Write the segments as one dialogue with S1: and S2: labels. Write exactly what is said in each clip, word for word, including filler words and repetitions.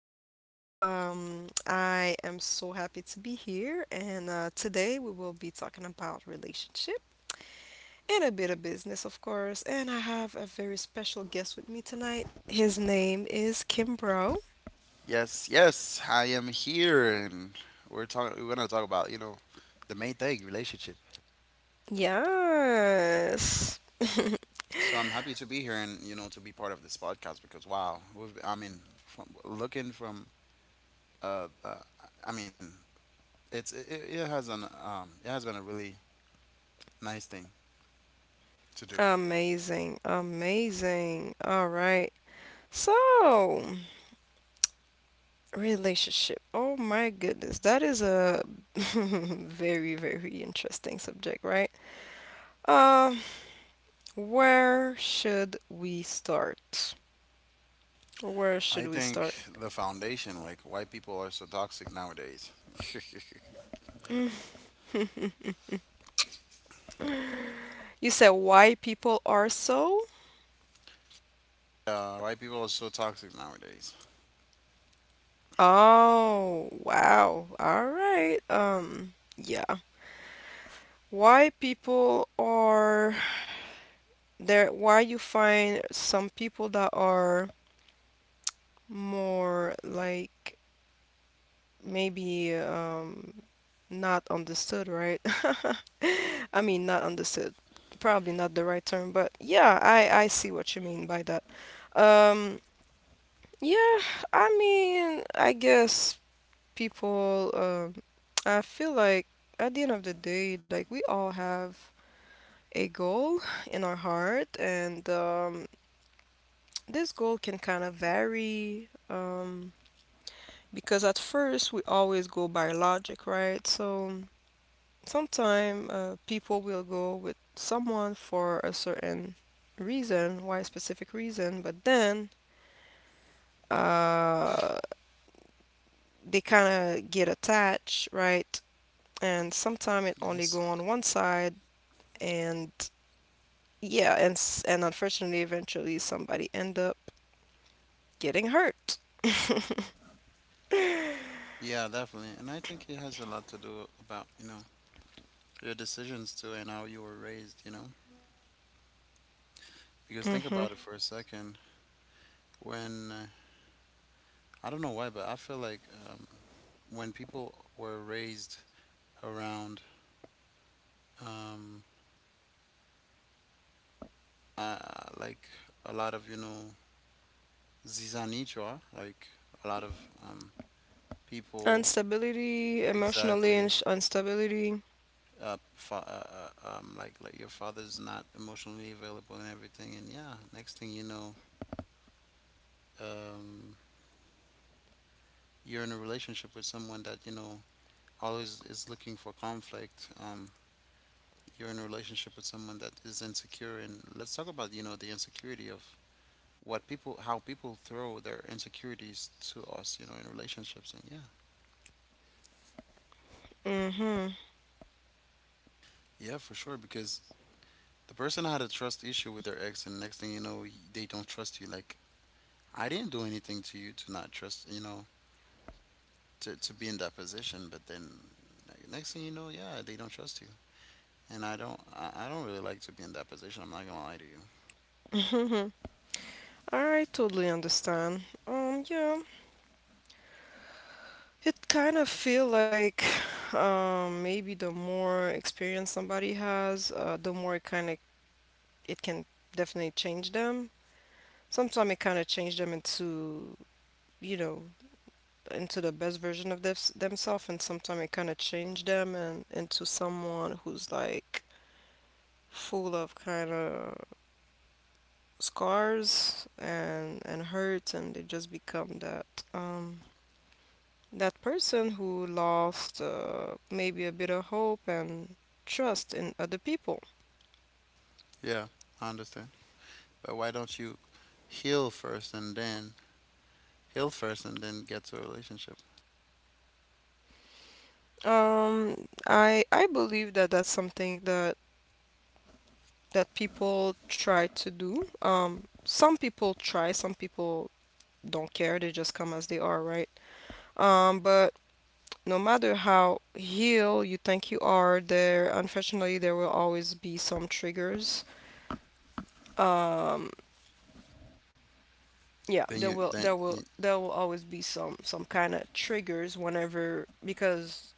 S1: podcast. Um, I am so happy to be here, and uh, today we will be talking about relationship and a bit of business, of course. And I have a very special guest with me tonight. His name is Kimbro.
S2: Yes, yes, I am here, and we're talking. We're gonna talk about you know the main thing, relationship.
S1: Yes,
S2: So I'm happy to be here and you know to be part of this podcast because wow, we've, I mean, from looking from uh, uh I mean, it's it, it it has an um it has been a really nice thing to do.
S1: amazing, amazing. All right, so. Relationship. Oh my goodness, that is a very, very interesting subject, right? Uh, where should we start? Where should
S2: I
S1: we
S2: think
S1: start?
S2: the foundation, like why people are so toxic nowadays.
S1: You said why people are so?
S2: Uh, why people are so toxic nowadays.
S1: Oh, wow. All right. Um, yeah. Why people are there, why you find some people that are more like maybe um not understood, right? I mean, not understood. Probably not the right term, but yeah, I I see what you mean by that. Um, yeah, I mean, I guess people. Um, I feel like at the end of the day, like we all have a goal in our heart, and um, this goal can kind of vary. Um, because at first we always go by logic, right? So Sometimes uh, people will go with someone for a certain reason, why specific reason, but then uh, they kind of get attached, right? And sometimes it only go
S2: Yes.
S1: on one side, and yeah, and s- and unfortunately, eventually somebody end up getting hurt.
S2: Yeah, definitely, and I think it has a lot to do about you know your decisions too and how you were raised, you know? Because think
S1: Mm-hmm.
S2: about it for a second. When, uh, I don't know why, but I feel like um, when people were raised around, um, uh, like a lot of, you know, zizanichwa, like a lot of um, people.
S1: Instability, emotionally
S2: Exactly.
S1: ins- instability.
S2: Uh, fa- uh, uh, um, like like your father's not emotionally available and everything, and yeah, next thing you know, um, you're in a relationship with someone that you know always is looking for conflict. Um, you're in a relationship with someone that is insecure, and let's talk about, you know, the insecurity of what people, how people throw their insecurities to us, you know, in relationships. And yeah,
S1: Mm-hmm.
S2: yeah, for sure, because the person had a trust issue with their ex, and next thing you know, y- they don't trust you. Like, I didn't do anything to you to not trust, you know, to, to be in that position, but then like, next thing you know, yeah, they don't trust you. And I don't, I, I don't really like to be in that position. I'm not gonna lie to you.
S1: All right, totally understand. Um, yeah. It kind of feel like um, maybe the more experience somebody has, uh, the more it kind of it can definitely change them. Sometimes it kind of change them into, you know, into the best version of thems themselves, and sometimes it kind of change them and into someone who's like full of kind of scars and and hurt, and they just become that. Um, That person who lost uh, maybe a bit of hope and trust in other people.
S2: Yeah, I understand. But why don't you heal first and then heal first and then get to a relationship?
S1: Um, I I believe that that's something that that people try to do. Um, some people try, some people don't care. They just come as they are, right? Um, but no matter how healed you think you are, there unfortunately there will always be some triggers. Yeah,
S2: Then
S1: there
S2: you
S1: will
S2: then.
S1: there will there will always be some some kind of triggers whenever because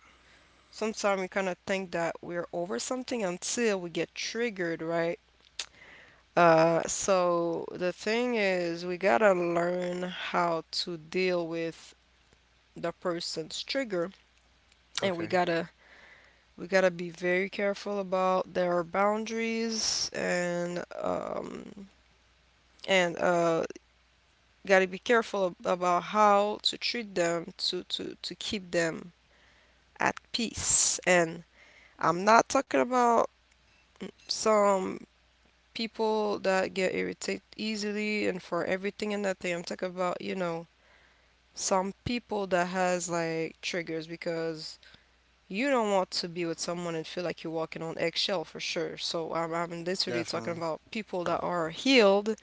S1: sometimes we kind of think that we're over something until we get triggered, right? Uh, so the thing is, we gotta learn how to deal with the person's trigger, and we
S2: Okay.
S1: gotta we gotta be very careful about their boundaries and um and uh gotta be careful ab- about how to treat them to to to keep them at peace. And I'm not talking about some people that get irritated easily and for everything and that thing. I'm talking about, you know, some people that has like triggers because you don't want to be with someone and feel like you're walking on eggshell for sure. So I'm, I'm literally talking
S2: Definitely.
S1: about people that are healed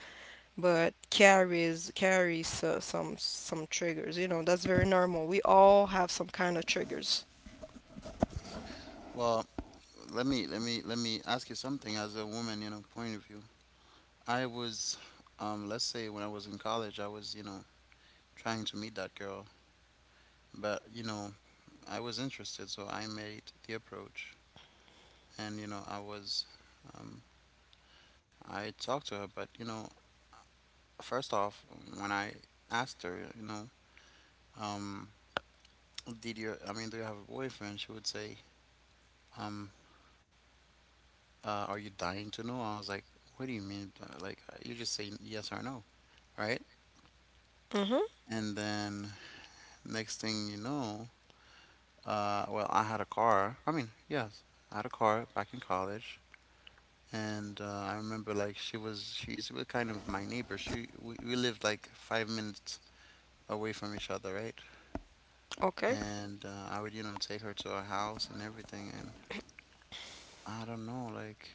S1: but carries carries so, some some triggers. You know, that's very normal. We all have some kind of triggers.
S2: Well, let me let me let me ask you something as a woman, you know, point of view. I was um let's say when I was in college, I was, you know, trying to meet that girl, but you know, I was interested, so I made the approach and you know, I was um I talked to her, but you know, first off, when I asked her, you know, um did you i mean do you have a boyfriend? She would say um uh, are you dying to know? I was like, what do you mean? Uh, like uh, you just say yes or no, right?
S1: Mm-hmm.
S2: And then next thing you know, uh well, I had a car, I mean, yes, I had a car back in college. And uh, I remember like she was she's wa- kind of my neighbor. She, we, we lived like five minutes away from each other, right?
S1: Okay.
S2: And uh, I would, you know, take her to her house and everything, and I don't know, like,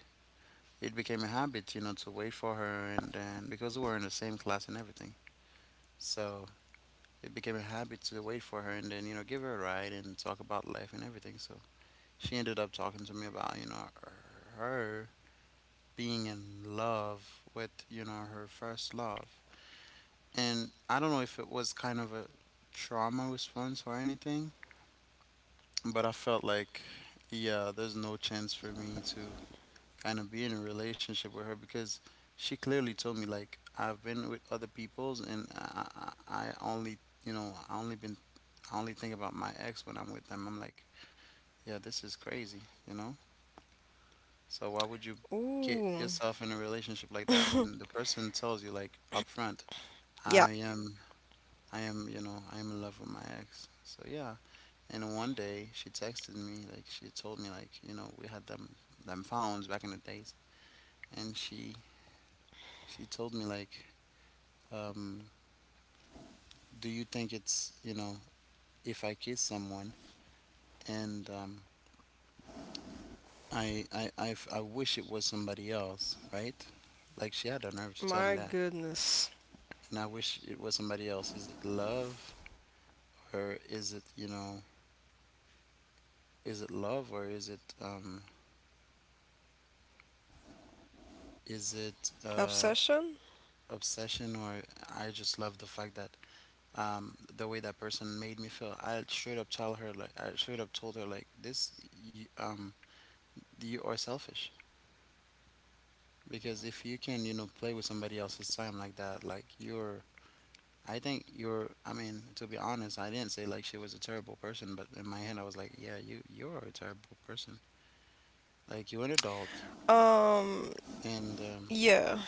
S2: it became a habit, you know, to wait for her, and then because we were in the same class and everything, so it became a habit to wait for her and then, you know, give her a ride and talk about life and everything. So she ended up talking to me about, you know her being in love with, you know her first love, and I don't know if it was kind of a trauma response or anything, but I felt like yeah, there's no chance for me to kind of be in a relationship with her because she clearly told me like, I've been with other people's and I, I, I only, you know I only been, I only think about my ex when I'm with them. I'm like, yeah, this is crazy, you know. So why would you get
S1: Ooh.
S2: yourself in a relationship like that when the person tells you like upfront,
S1: Yeah.
S2: I am, I am you know I am in love with my ex. So yeah, and one day she texted me like she told me like, you know, we had them them phones back in the days, and she she told me like, um, do you think it's, you know, if I kiss someone and, um, I, I I f- I wish it was somebody else, right? Like, she had the nerve to tell me
S1: My
S2: that,
S1: goodness.
S2: and I wish it was somebody else. Is it love or is it, you know, is it love or is it, um, is it uh,
S1: Obsession?
S2: obsession? Or I just love the fact that, um, the way that person made me feel. I straight up tell her like, I straight up told her like this: you, um you are selfish. Because if you can, you know, play with somebody else's time like that, like you're, I think you're, I mean, to be honest, I didn't say like she was a terrible person, but in my head, I was like, yeah, you, you're a terrible person. Like, you're an adult
S1: Um,
S2: and, um,
S1: yeah.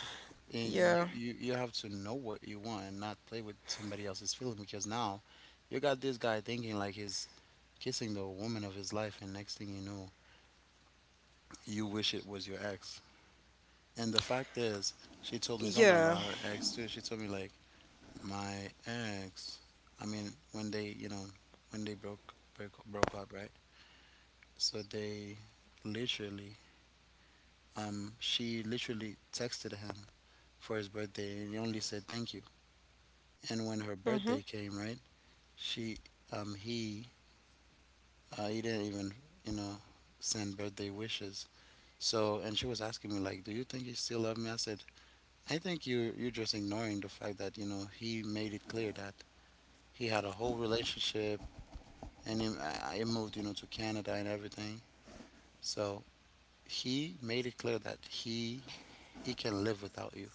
S2: and you,
S1: Yeah.
S2: you, you have to know what you want and not play with somebody else's feeling because now you got this guy thinking like he's kissing the woman of his life, and next thing you know, you wish it was your ex. And the fact is, she told me something
S1: Yeah.
S2: about her ex too. She told me like, my ex, I mean, when they, you know, when they broke broke, broke up, right? So they literally, um, she literally texted him for his birthday, and he only said thank you. And when
S1: Mhm.
S2: her birthday came, right? She, um, he, uh, he didn't even, you know, send birthday wishes. So, and she was asking me like, "Do you think you still love me?" I said, "I think you you're just ignoring the fact that, you know, he made it clear that he had a whole relationship and then I moved, you know, to Canada and everything. So he made it clear that he he can live without you.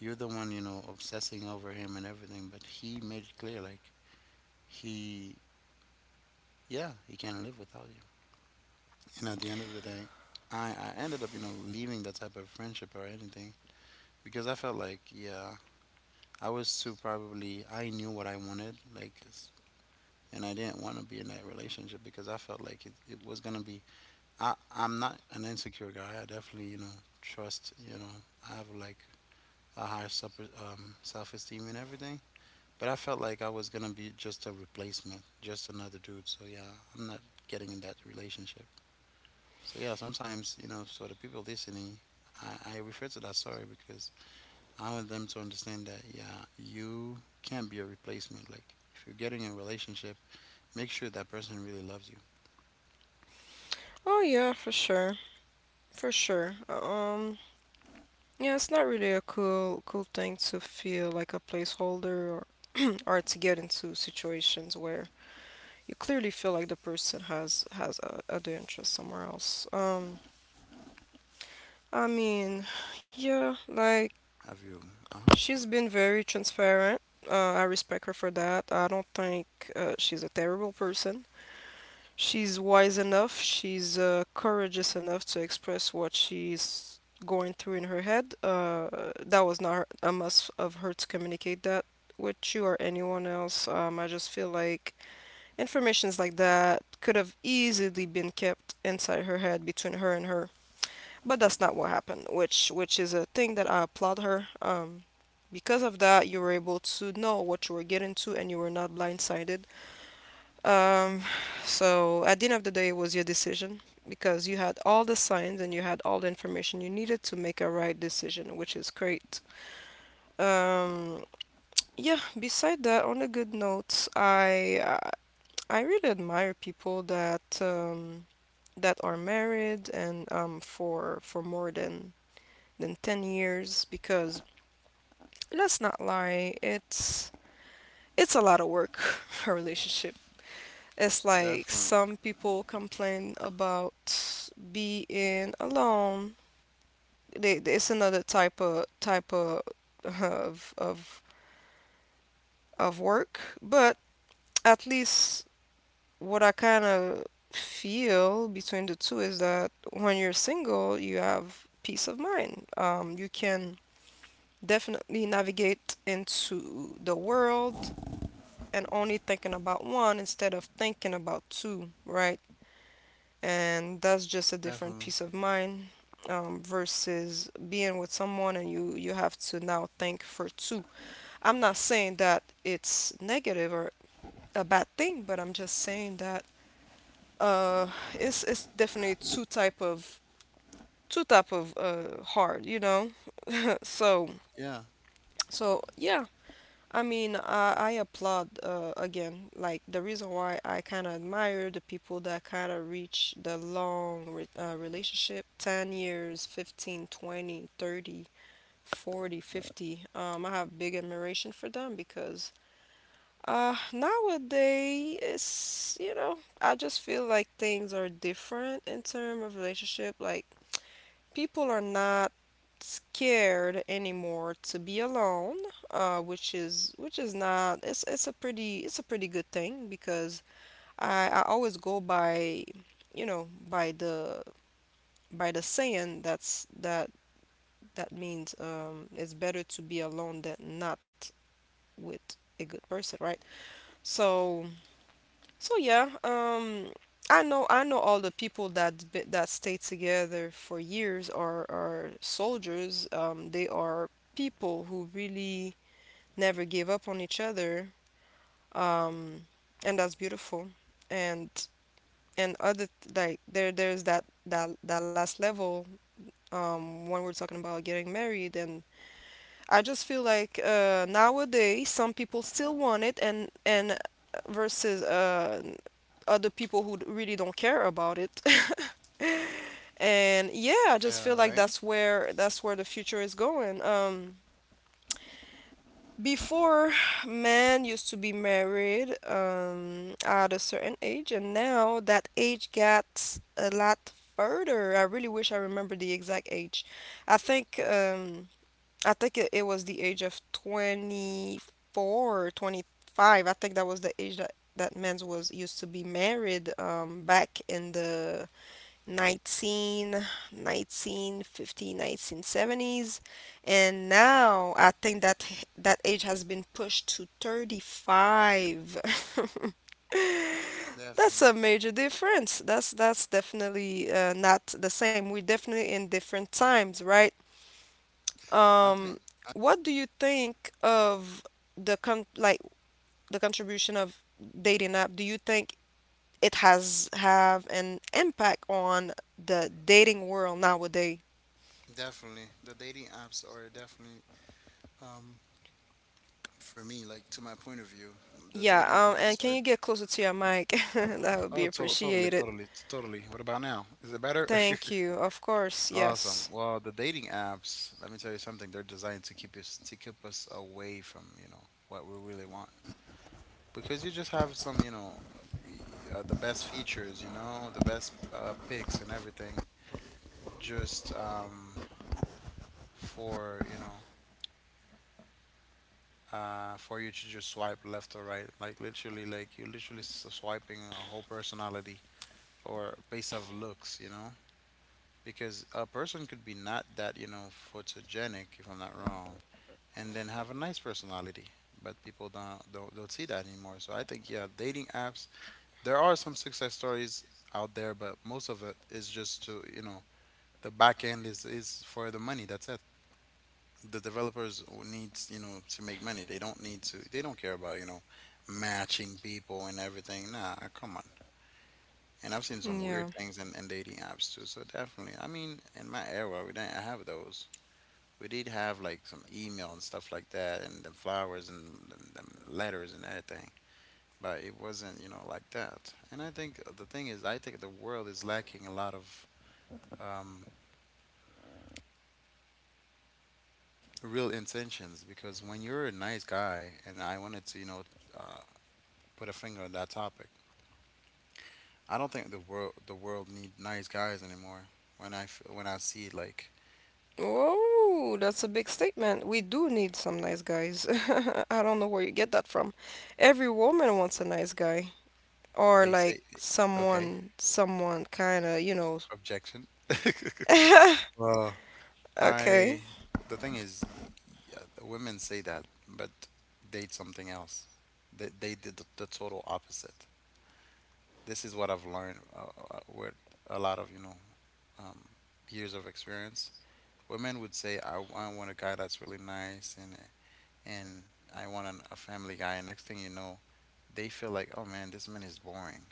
S2: You're the one, you know, obsessing over him and everything, but he made it clear like, he, yeah, he can live without you." And at the end of the day, I I ended up, you know, leaving that type of friendship or anything because I felt like yeah, I was too, probably I knew what I wanted like it's- and I didn't want to be in that relationship because I felt like it, it was going to be, I, I'm not an insecure guy. I definitely, you know, trust, you know, I have like a high super, um, self esteem and everything. But I felt like I was gonna be just a replacement, just another dude. So yeah, I'm not getting in that relationship. So yeah, sometimes, you know, so the people listening, I, I refer to that story because I want them to understand that yeah, you can't be a replacement. Like, if you're getting in a relationship, make sure that person really loves you.
S1: Oh yeah, for sure. For sure. Um yeah, it's not really a cool cool thing to feel like a placeholder or or to get into situations where you clearly feel like the person has has a other interest somewhere else. Um, I mean, yeah, like
S2: Have you? Uh huh.
S1: she's been very transparent. Uh, I respect her for that. I don't think uh, she's a terrible person. She's wise enough, she's uh, courageous enough to express what she's going through in her head. Uh, that was not her- a must of her to communicate that with you or anyone else. Um, I just feel like informations like that could have easily been kept inside her head between her and her, but that's not what happened, which which is a thing that I applaud her. Um, because of that, you were able to know what you were getting to and you were not blindsided um, so at the end of the day, it was your decision because you had all the signs and you had all the information you needed to make a right decision, which is great. Um, yeah, beside that, on a good note, I I I really admire people that um, that are married and um, for for more than than ten years because let's not lie, it's it's a lot of work, a relationship. It's like
S2: Definitely,
S1: some people complain about being alone. They, they- it's another type of type of of of of work, but at least what I kind of feel between the two is that when you're single, you have peace of mind. Um, you can definitely navigate into the world and only thinking about one instead of thinking about two, right? And that's just a different
S2: definitely.
S1: peace of mind um, versus being with someone and you you have to now think for two. I'm not saying that it's negative or a bad thing, but I'm just saying that uh, it's it's definitely two type of two type of uh, hard, you know. Uh, So
S2: Yeah.
S1: so yeah, I mean, I, I applaud uh, again. Like the reason why I kind of admire the people that kind of reach the long re uh, relationship, ten years, fifteen, twenty, thirty, forty, fifty. Um, I have big admiration for them because uh, nowadays it's, you know, I just feel like things are different in terms of relationship. Like people are not scared anymore to be alone, uh, which is which is not it's it's a pretty it's a pretty good thing because I, I always go by you know by the by the saying that's that that means um, it's better to be alone than not with a good person, right? So So yeah, um, I know I know all the people that be- that stay together for years are are soldiers. Um, they are people who really never gave up on each other. Um, and that's beautiful. And and other th- like there there's that that that last level um when we're talking about getting married and. I just feel like uh, nowadays some people still want it, and and versus uh, other people who d- really don't care about it. And yeah, I
S2: Yeah,
S1: just feel
S2: right?
S1: like that's where that's where the future is going. Um, before men used to be married um, at a certain age, and now that age got a lot further. I really wish I remember the exact age. I think. Um, I think it, it was the age of twenty-four or twenty-five. I think that was the age that that men was used to be married um, back in the nineteen nineteen fifty, nineteen seventies, and now I think that h- that age has been pushed to thirty-five. That's
S2: Definitely.
S1: a major difference. That's that's definitely uh, not the same. We're definitely in different times, right?
S2: I think
S1: Um, what do you think of the con like the contribution of dating app? Do you think it has have an impact on the dating world nowadays?
S2: definitely the dating apps are definitely, um for me, like, to my point of view, the
S1: Yeah,
S2: dating
S1: um,
S2: apps
S1: and can
S2: are
S1: you get closer to your mic? That would be
S2: Oh, to- totally,
S1: appreciated.
S2: totally, totally. What about now? Is it better?
S1: Thank you. Of course,
S2: Awesome.
S1: yes.
S2: Well, the dating apps, let me tell you something, they're designed to keep us to keep us away from, you know, what we really want. Because you just have some, you know, uh, the best features, you know, the best uh, pics and everything, just, um, for, you know, uh, for you to just swipe left or right. Like literally, like you're literally swiping a whole personality, or based off looks, you know? Because a person could be not that, you know, photogenic, if I'm not wrong, and then have a nice personality. But people don't, don't don't see that anymore. So I think yeah, dating apps. There are some success stories out there, but most of it is just to, you know, the back end is is for the money. That's it. The developers needs, you know, to make money. They don't need to. They don't care about, you know, matching people and everything. Nah, come on. And I've seen some weird
S1: Yeah.
S2: things in, in dating apps too. So definitely, I mean, in my era, we didn't have those. We did have like some email and stuff like that, and them flowers and them, them letters and everything. But it wasn't, you know, like that. And I think the thing is, I think the world is lacking a lot of, um, real intentions because when you're a nice guy, and I wanted to, you know, Uh, put a finger on that topic. I don't think the world the world need nice guys anymore. When I f- when I see like
S1: Oh, that's a big statement. We do need some nice guys. I don't know where you get that from. Every woman wants a nice guy. Or
S2: they
S1: like
S2: say, okay,
S1: someone someone kind of you know
S2: objection. Well,
S1: okay
S2: I, the thing is, yeah, women say that, but date something else. They they did the, the total opposite. This is what I've learned uh, uh, with a lot of you know um, years of experience. Women would say, I, I want a guy that's really nice and and I want an, a family guy. And next thing you know, they feel like, oh man, this man is boring.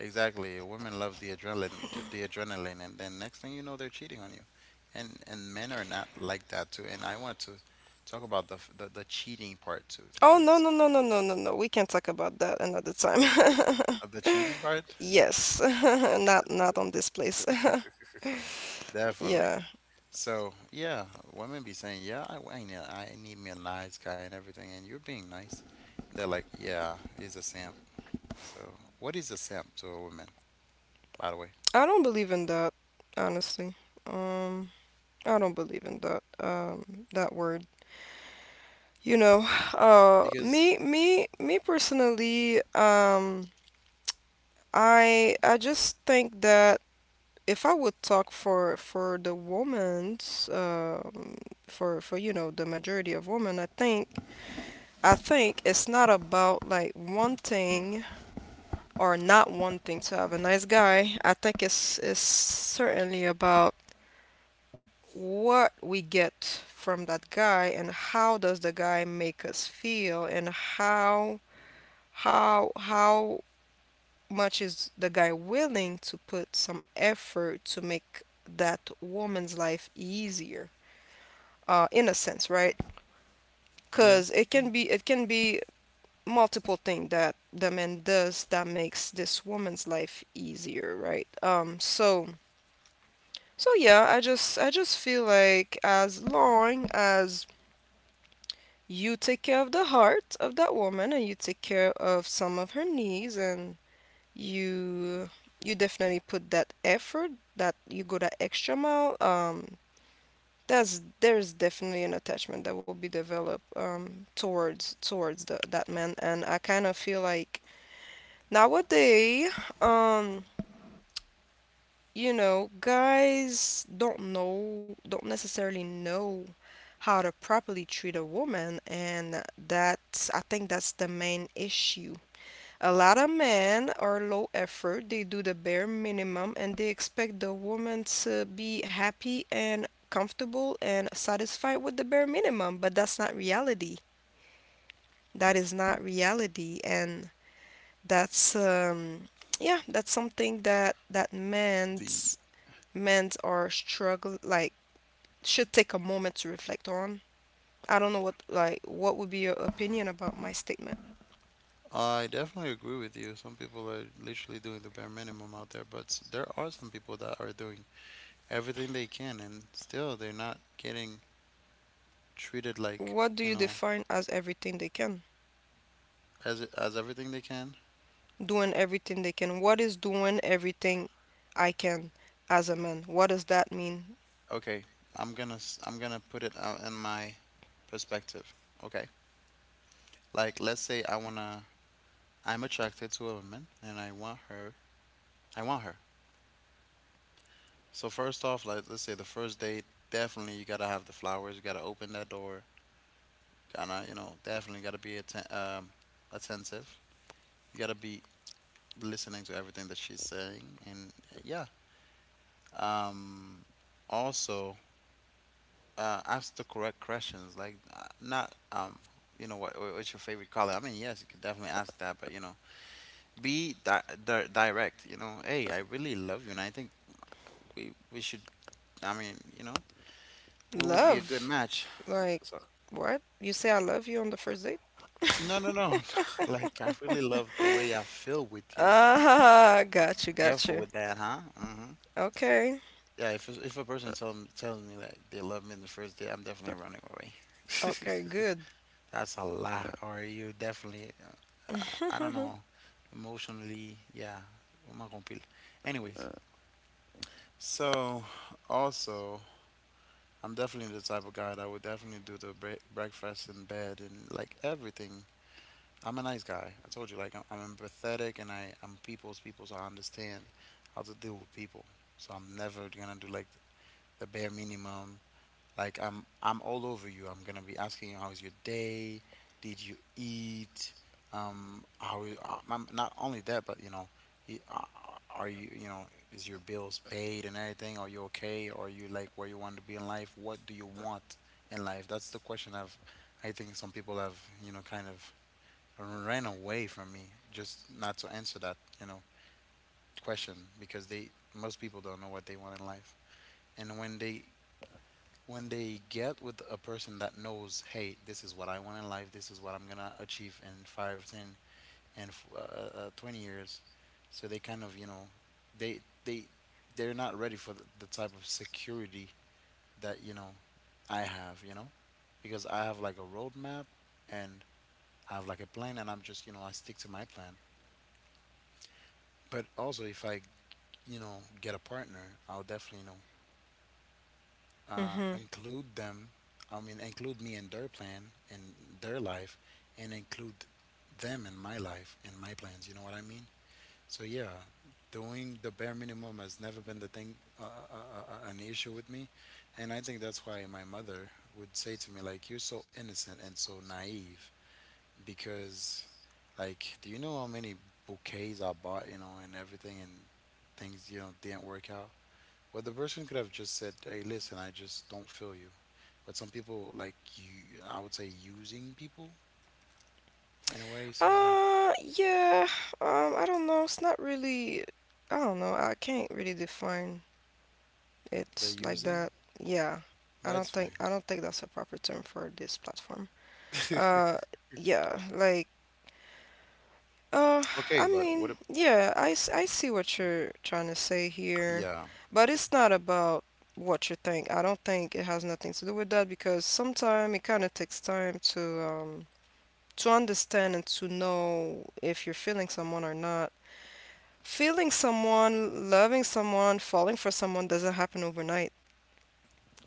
S2: Exactly. Women love the adrenaline, the, the adrenaline, and then next thing you know, they're cheating on you. And and men are not like that too. And I want to talk about the f- the, the cheating part too,
S1: oh no
S2: because
S1: no no no no no no we can talk about that another time
S2: of the cheating part,
S1: yes not not on this place
S2: definitely.
S1: yeah,
S2: So yeah, women be saying, yeah, I, I need I need me a nice guy and everything, and you're being nice. They're like, yeah, he's a simp. So what is a simp to a woman, by the way?
S1: I don't believe in that honestly um I don't believe in that um that word you know uh
S2: Because.
S1: me me me personally um i i just think that if I would talk for for the women's um, for for you know the majority of women, I think I think it's not about like wanting or not wanting to have a nice guy. I think it's it's certainly about what we get from that guy and how does the guy make us feel and how how how much is the guy willing to put some effort to make that woman's life easier uh, innocence, right?
S2: Yeah.
S1: Because it
S2: Mhm.
S1: can be it can be multiple things that the man does that makes this woman's life easier, right? Um, so so yeah, I just I just feel like as long as you take care of the heart of that woman and you take care of some of her needs and you you definitely put that effort, that you go that extra mile. um There's there's definitely an attachment that will be developed um, towards towards the, that man, and I kind of feel like nowadays, um, you know, guys don't know don't necessarily know how to properly treat a woman, and that's I think that's the main issue. A lot of men are low effort, they do the bare minimum and they expect the woman to be happy and comfortable and satisfied with the bare minimum, but that's not reality. That is not reality. And that's um Yeah, that's something that that men's
S2: The
S1: men's are struggle, like, should take a moment to reflect on. I don't know what, like, what would be your opinion about my statement?
S2: I definitely agree with you. Some people are literally doing the bare minimum out there, but s- there are some people that are doing everything they can, and still they're not getting treated like,
S1: What do
S2: you
S1: you
S2: know,
S1: define as everything they can?
S2: as as everything they can.
S1: Doing everything they can. What is doing everything I can as a man? What does that mean?
S2: Okay, I'm gonna s- I'm gonna put it out in my perspective. Okay, like let's say I wanna I'm attracted to a woman and I want her. I want her. So first off, like let's say the first date, definitely you gotta have the flowers. You gotta open that door. Kinda, you know, definitely gotta be atten- um, attentive. You gotta be listening to everything that she's saying, and uh, yeah. Um, also, uh, ask the correct questions. Like, uh, not um, you know, what what- what's your favorite color? I mean, yes, you could definitely ask that, but you know, be di- di- direct. You know, hey, I really love you, and I think we we should. I mean, you know, we would be a good
S1: Love?
S2: match.
S1: Like,
S2: So,
S1: what? You say I love you on the first date?
S2: no, no, no. Like, I really love the way I feel with you.
S1: Ah, got you, got
S2: Careful
S1: you.
S2: with that, huh? Hmm.
S1: Okay.
S2: Yeah, if if a person tell, me- tells me like they love me in the first day, I'm definitely running away.
S1: Okay, good.
S2: That's a lot, or you definitely, uh, I don't know, emotionally, yeah. I'm not gonna peel. Anyways, so also, I'm definitely the type of guy that would definitely do the bre- breakfast in bed and like everything. I'm a nice guy. I told you, like I'm, I'm empathetic and I I'm people's people, so I understand how to deal with people. So I'm never gonna do like the bare minimum. Like I'm I'm all over you. I'm gonna be asking you, how's your day? Did you eat? Um, how is- uh, I'm not only that, but you know, y- uh, are you you know is your bills paid and everything? Are you okay? Are you like where you want to be in life? What do you want in life? That's the question I've I think some people have, you know kind of ran away from me just not to answer that you know question, because they most people don't know what they want in life. And when they when they get with a person that knows, hey, this is what I want in life, this is what I'm gonna achieve in five, ten, and uh, uh, uh, twenty years, so they kind of, you know, they they they're not ready for the, the type of security that, you know, I have, you know, because I have like a roadmap, and I have like a plan, and I'm just, you know, I stick to my plan. But also, if I, you know, get a partner, I'll definitely, you know, uh,
S1: Mm-hmm.
S2: include them. I mean, include me in their plan and their life, and include them in my life and my plans. You know what I mean? So yeah, doing the bare minimum has never been the thing, uh, uh, uh, uh, an issue with me, and I think that's why my mother would say to me like, "You're so innocent and so naive," because, like, do you know how many bouquets I bought, you know, and everything, and things you know didn't work out well, the person could have just said, "Hey, listen, I just don't feel you." But some people, like you, I would say, using people in a way. So yeah,
S1: Uh, yeah. Um, I don't know. It's not really. I don't know. I can't really define
S2: they're
S1: it like
S2: using,
S1: that. Yeah. I
S2: but
S1: don't
S2: it's
S1: think
S2: fine.
S1: I don't think that's a proper term for this platform. Uh, yeah, like, uh, I
S2: Okay, but what?
S1: mean,
S2: if-
S1: yeah, I, s- I see what you're trying to say here,
S2: Yeah,
S1: but it's not about what you think. I don't think it has nothing to do with that because sometimes it kind of takes time to, um, to understand and to know if you're feeling someone or not. Feeling someone, loving someone, falling for someone doesn't happen overnight.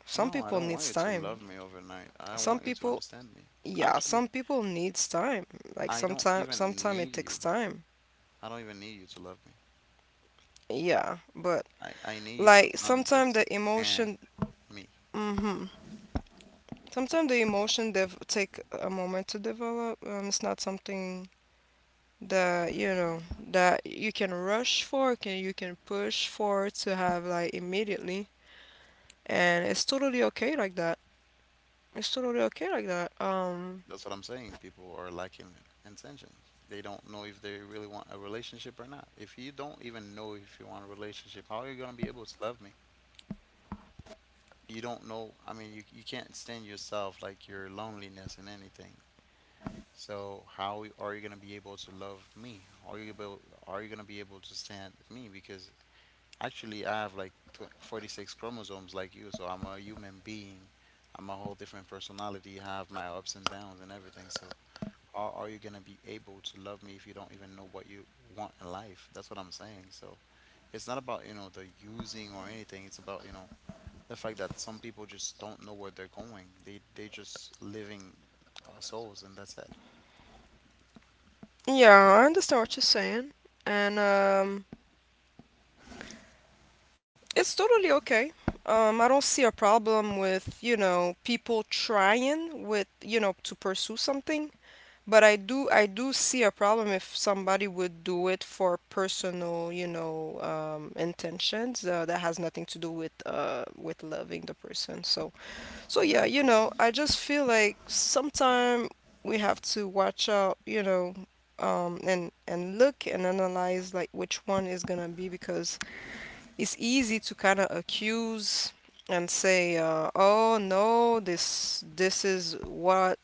S1: Some
S2: no, I
S1: people
S2: don't want
S1: needs
S2: you to
S1: time.
S2: love me overnight. I
S1: Some
S2: want you to
S1: people,
S2: understand me.
S1: yeah,
S2: Actually,
S1: some people needs time. Like
S2: I don't
S1: sometimes,
S2: even
S1: sometimes
S2: need
S1: it
S2: you.
S1: takes time.
S2: I don't even need you to love me.
S1: Yeah, but
S2: I I need you to
S1: like sometimes the
S2: understand
S1: emotion,
S2: me.
S1: mm-hmm, sometimes the emotion dev take a moment to develop. Um, it's not something that you know that you can rush for, can you can push for to have like immediately, and it's totally okay like that. It's totally okay like that. Um,
S2: That's what I'm saying. People are lacking intention. They don't know if they really want a relationship or not. If you don't even know if you want a relationship, how are you gonna be able to love me? You don't know. I mean, you you can't stand yourself, like your loneliness and anything. So how are you gonna be able to love me? How are you able? Are you gonna be able to stand me? Because actually, I have like tw- forty-six chromosomes like you, so I'm a human being. I'm a whole different personality. I have my ups and downs and everything. So Or are you gonna be able to love me if you don't even know what you want in life? That's what I'm saying. So it's not about, you know, the using or anything. It's about, you know, the fact that some people just don't know where they're going. They they just living uh, souls, and that's it.
S1: yeah, I understand what you're saying, and um, it's totally okay. Um, I don't see a problem with, you know, people trying with, you know, to pursue something. But I do I do see a problem if somebody would do it for personal, you know, um, intentions uh, that has nothing to do with uh, with loving the person. So so yeah, you
S2: Exactly.
S1: know, I just feel like sometime we have to watch out, you know, um, and and look and analyze like which one is gonna be, because it's easy to kind of accuse and say, uh, oh no, this this is what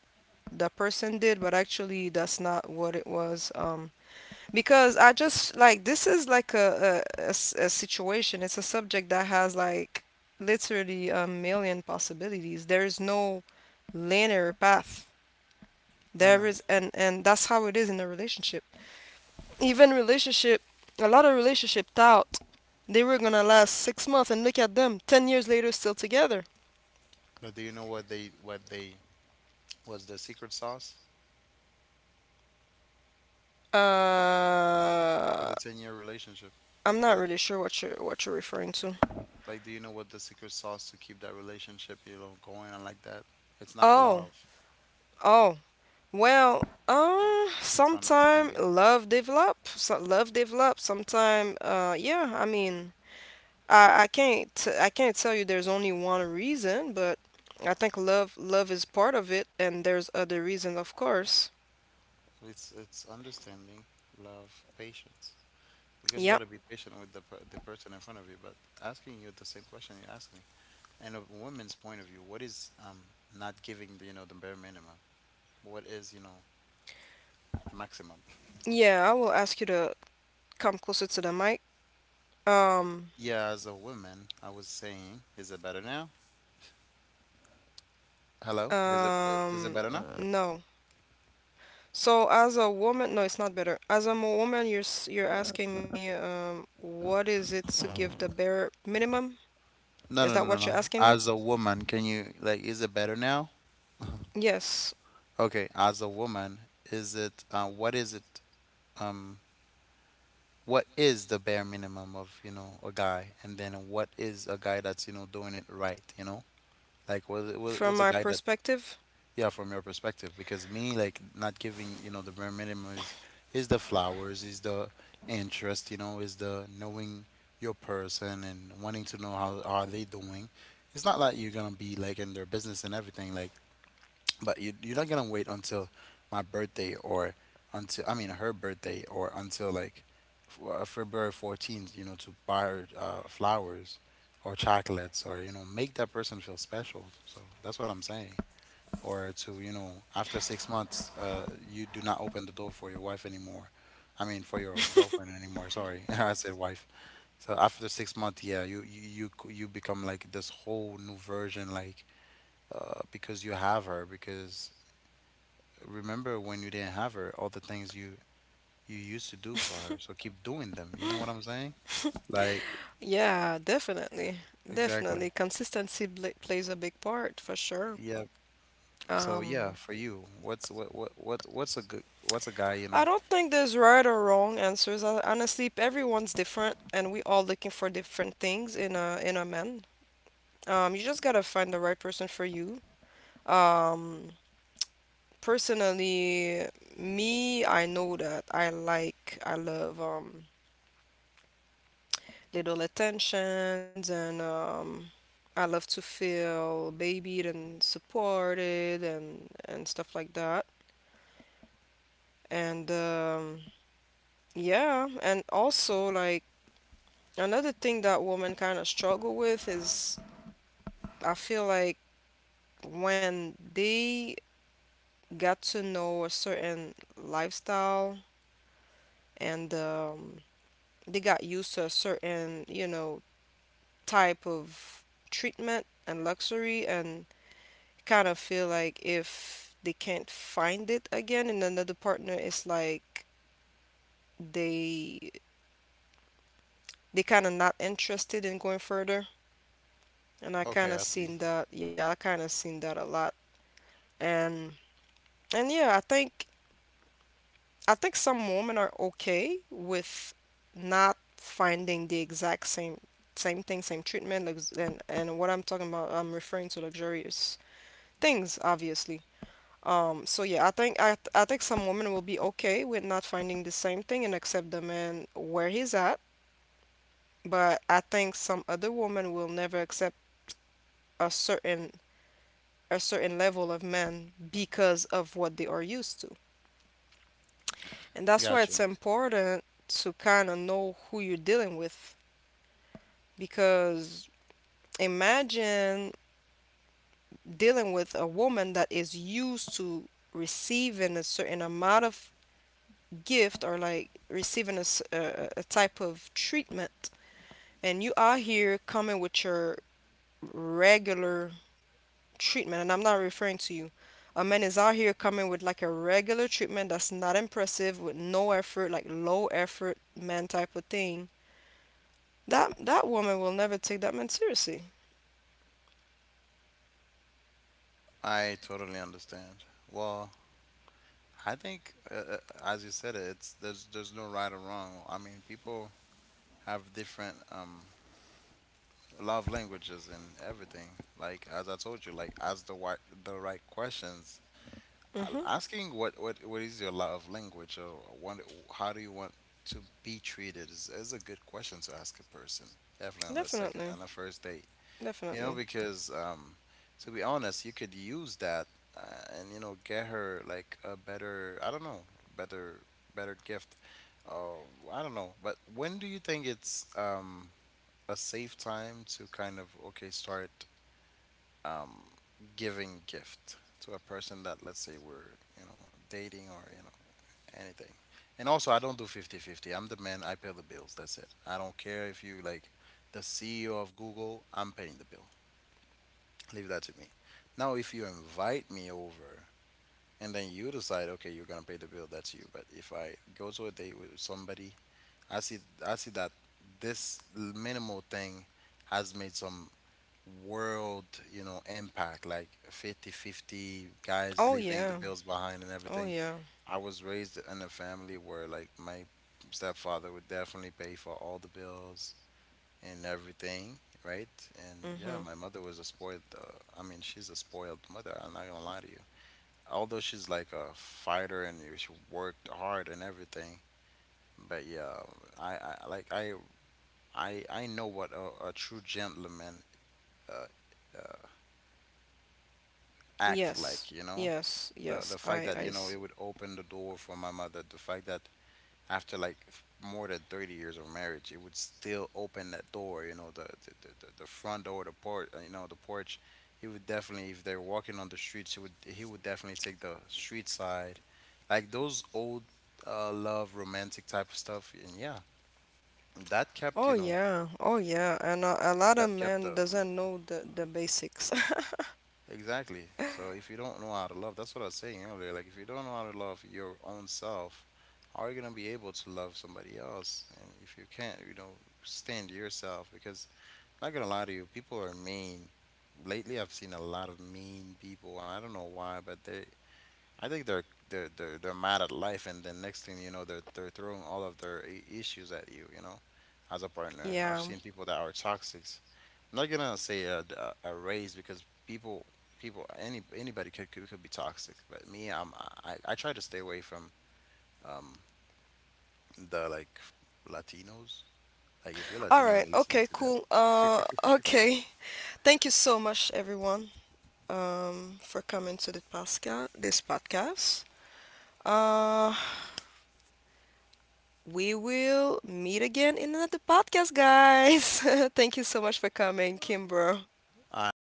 S1: the person did, but actually that's not what it was. Um, because I just like this is like a, a- a s- a situation. It's a subject that has like literally a million possibilities. There is no linear path.
S2: I know.
S1: There is, and and that's how it is in a relationship. Even relationship, a lot of relationship thought they were gonna last six months, and look at them, ten years later, still together.
S2: But do you know what they what they was, the secret sauce for
S1: Uh,
S2: the ten year relationship?
S1: I'm not
S2: What
S1: really sure what you're what you're referring to.
S2: Like, do you know what the secret sauce to keep that relationship, you know, going on like that? It's not
S1: Oh,
S2: love.
S1: oh, well, um,
S2: It's
S1: sometime
S2: understanding.
S1: love develop, so love develop. Sometime, uh, yeah. I mean, I I can't t- I can't tell you there's only one reason, but I think love love is part of it, and there's other reasons, of course.
S2: It's it's understanding, love, patience. Because you
S1: Yeah,
S2: got to be patient with the per- the person in front of you. But asking you the same question you asked me, and a woman's point of view, what is um not giving the you know the bare minimum? What is you know the maximum?
S1: yeah. I will ask you to come closer to the mic. Um,
S2: Yeah, as a woman, I was saying, is it better now? Hello, is it is it
S1: um,
S2: better now? Uh,
S1: no. So as a woman, no, it's not better. As a mo- woman, you're s- you're asking me, um, what is it to give the bare minimum?
S2: No,
S1: Is
S2: no,
S1: that
S2: no, no,
S1: what you're
S2: no.
S1: asking me?
S2: As a woman, can you, like, is it better now?
S1: Yes,
S2: Okay, as a woman, is it, uh, what is it? Um. What is the bare minimum of you know a guy, and then what is a guy that's, you know doing it right you know Like, was it was,
S1: from
S2: was a
S1: my
S2: guy that,
S1: perspective,
S2: yeah, from your perspective? Because me, like, not giving, you know the bare minimum is is the flowers, is the interest, you know is the knowing your person and wanting to know how are they doing. It's not like you're gonna be like in their business and everything, like, but you, you're not gonna wait until my birthday or until, I mean, her birthday, or until like f- uh, February fourteenth, you know, to buy her uh, flowers or chocolates, or, you know, make that person feel special. So that's what I'm saying. Or to, you know after six months, uh, you do not open the door for your wife anymore. I mean, for your girlfriend anymore. Sorry, I said wife. So after six months, yeah, you you you c- you become like this whole new version, like, uh, because you have her, because remember when you didn't have her, all the things you you used to do for her. So keep doing them. You know what I'm saying? Like,
S1: yeah, definitely.
S2: exactly.
S1: Definitely. Consistency bl- plays a big part for sure.
S2: Yeah. So yeah,
S1: Um,
S2: for you, what's what what what what's a good what's a guy, you know?
S1: I don't think there's right or wrong answers. Uh, Honestly, everyone's different and we all looking for different things in a in a man. Um, you just gotta find the right person for you. Um, personally, me, I know that I like, I love um little attentions and um, I love to feel babied and supported and and stuff like that. And um, yeah, and also like another thing that women kind of struggle with is I feel like when they got to know a certain lifestyle and um, they got used to a certain, you know, type of treatment and luxury and kind of feel like if they can't find it again and another partner is like they they kind of not interested in going further, and I kind
S2: Okay,
S1: of
S2: I see.
S1: seen that. Yeah, I kind of seen that a lot. and and yeah, I think I think some women are okay with not finding the exact same same thing, same treatment, lux- and and what I'm talking about, I'm referring to luxurious things obviously. Um, so yeah, I think I I think some women will be okay with not finding the same thing and accept the man where he's at, but I think some other women will never accept a certain a certain level of man because of what they are used to. And that's why
S2: Gotcha.
S1: it's important to kind of know who you're dealing with, because imagine dealing with a woman that is used to receiving a certain amount of gift, or like receiving a, s- a- a type of treatment, and you are here coming with your regular treatment. And I'm not referring to you, a man is out here coming with like a regular treatment that's not impressive, with no effort, like low effort man type of thing. That that woman will never take that man seriously.
S2: I totally understand. Well, I think, uh, uh, as you said it, it's there's there's no right or wrong. I mean, people have different um love languages and everything. Like, as I told you, like, ask the right the right questions. A-
S1: Mm-hmm.
S2: asking what, what what is your love language, or what how do you want to be treated, is, is a good question to ask a person, definitely on the second,
S1: Definitely,
S2: on the first date, you know?
S1: definitely.
S2: Because, um to be honest, you could use that, uh, and, you know, get her like a better, I don't know, better better gift. Oh, I don't know. But when do you think it's, um a safe time to kind of, okay, start, um, giving gift to a person that, let's say, we're, you know, dating, or, you know, anything? And also, I don't do not do fifty fifty. I am the man. I pay the bills. That's it. I don't care if you like the C E O of Google, I'm paying the bill. Leave that to me. Now if you invite me over, and then you decide, okay, you're gonna pay the bill, that's you. But if I go to a date with somebody, i see I see that this minimal thing has made some world, you know, impact, like fifty-fifty guys
S1: Oh
S2: leaving the
S1: yeah,
S2: bills behind and
S1: oh
S2: everything.
S1: yeah.
S2: I was raised in a family where, like, my stepfather would definitely pay for all the bills and everything, right? And yeah,
S1: Mm-hmm.
S2: my mother was a spoiled, uh, I mean, she's a spoiled mother, I'm not gonna lie to you. Although she's like a fighter and she worked hard and everything, but yeah, I, I like I I I know what a, a true gentleman, uh, uh, act
S1: Yes,
S2: like you know
S1: yes,
S2: the
S1: yes.
S2: the fact
S1: I
S2: that, you
S1: I
S2: know, it would open the door for my mother, the fact that after like f- more than thirty years of marriage it would still open that door, you know, the the, the, the the front door, the porch, you know the porch he would definitely, if they're walking on the streets, he would he would definitely take the street side, like those old, uh, love romantic type of stuff. And yeah, that kept
S1: Oh
S2: you know
S1: yeah, oh yeah, and a, a lot of
S2: that kept
S1: men
S2: the.
S1: doesn't know the the basics.
S2: Exactly. So if you don't know how to love, that's what I was saying earlier. Like, if you don't know how to love your own self, how are you gonna be able to love somebody else? And if you can't, you know, stand yourself, because I'm not gonna lie to you, people are mean. Lately, I've seen a lot of mean people. I don't know why, but they, I think they're they're they're, they're mad at life, and then next thing you know, they're they're throwing all of their i- issues at you. You know, as a partner, I've
S1: Yeah.
S2: seen people that are toxic. I'm not gonna say a, a, a race, because people people any anybody could, could could be toxic. But me, I'm I, I try to stay away from um the like, Latinos. Like, if you're
S1: All
S2: Latino
S1: right.
S2: and listening
S1: Okay.
S2: to that,
S1: Cool. Uh. Okay. Thank you so much, everyone. Um, for coming to the Pascal this podcast. Uh, we will meet again in another podcast, guys. Thank you so much for coming, Kimber.
S2: I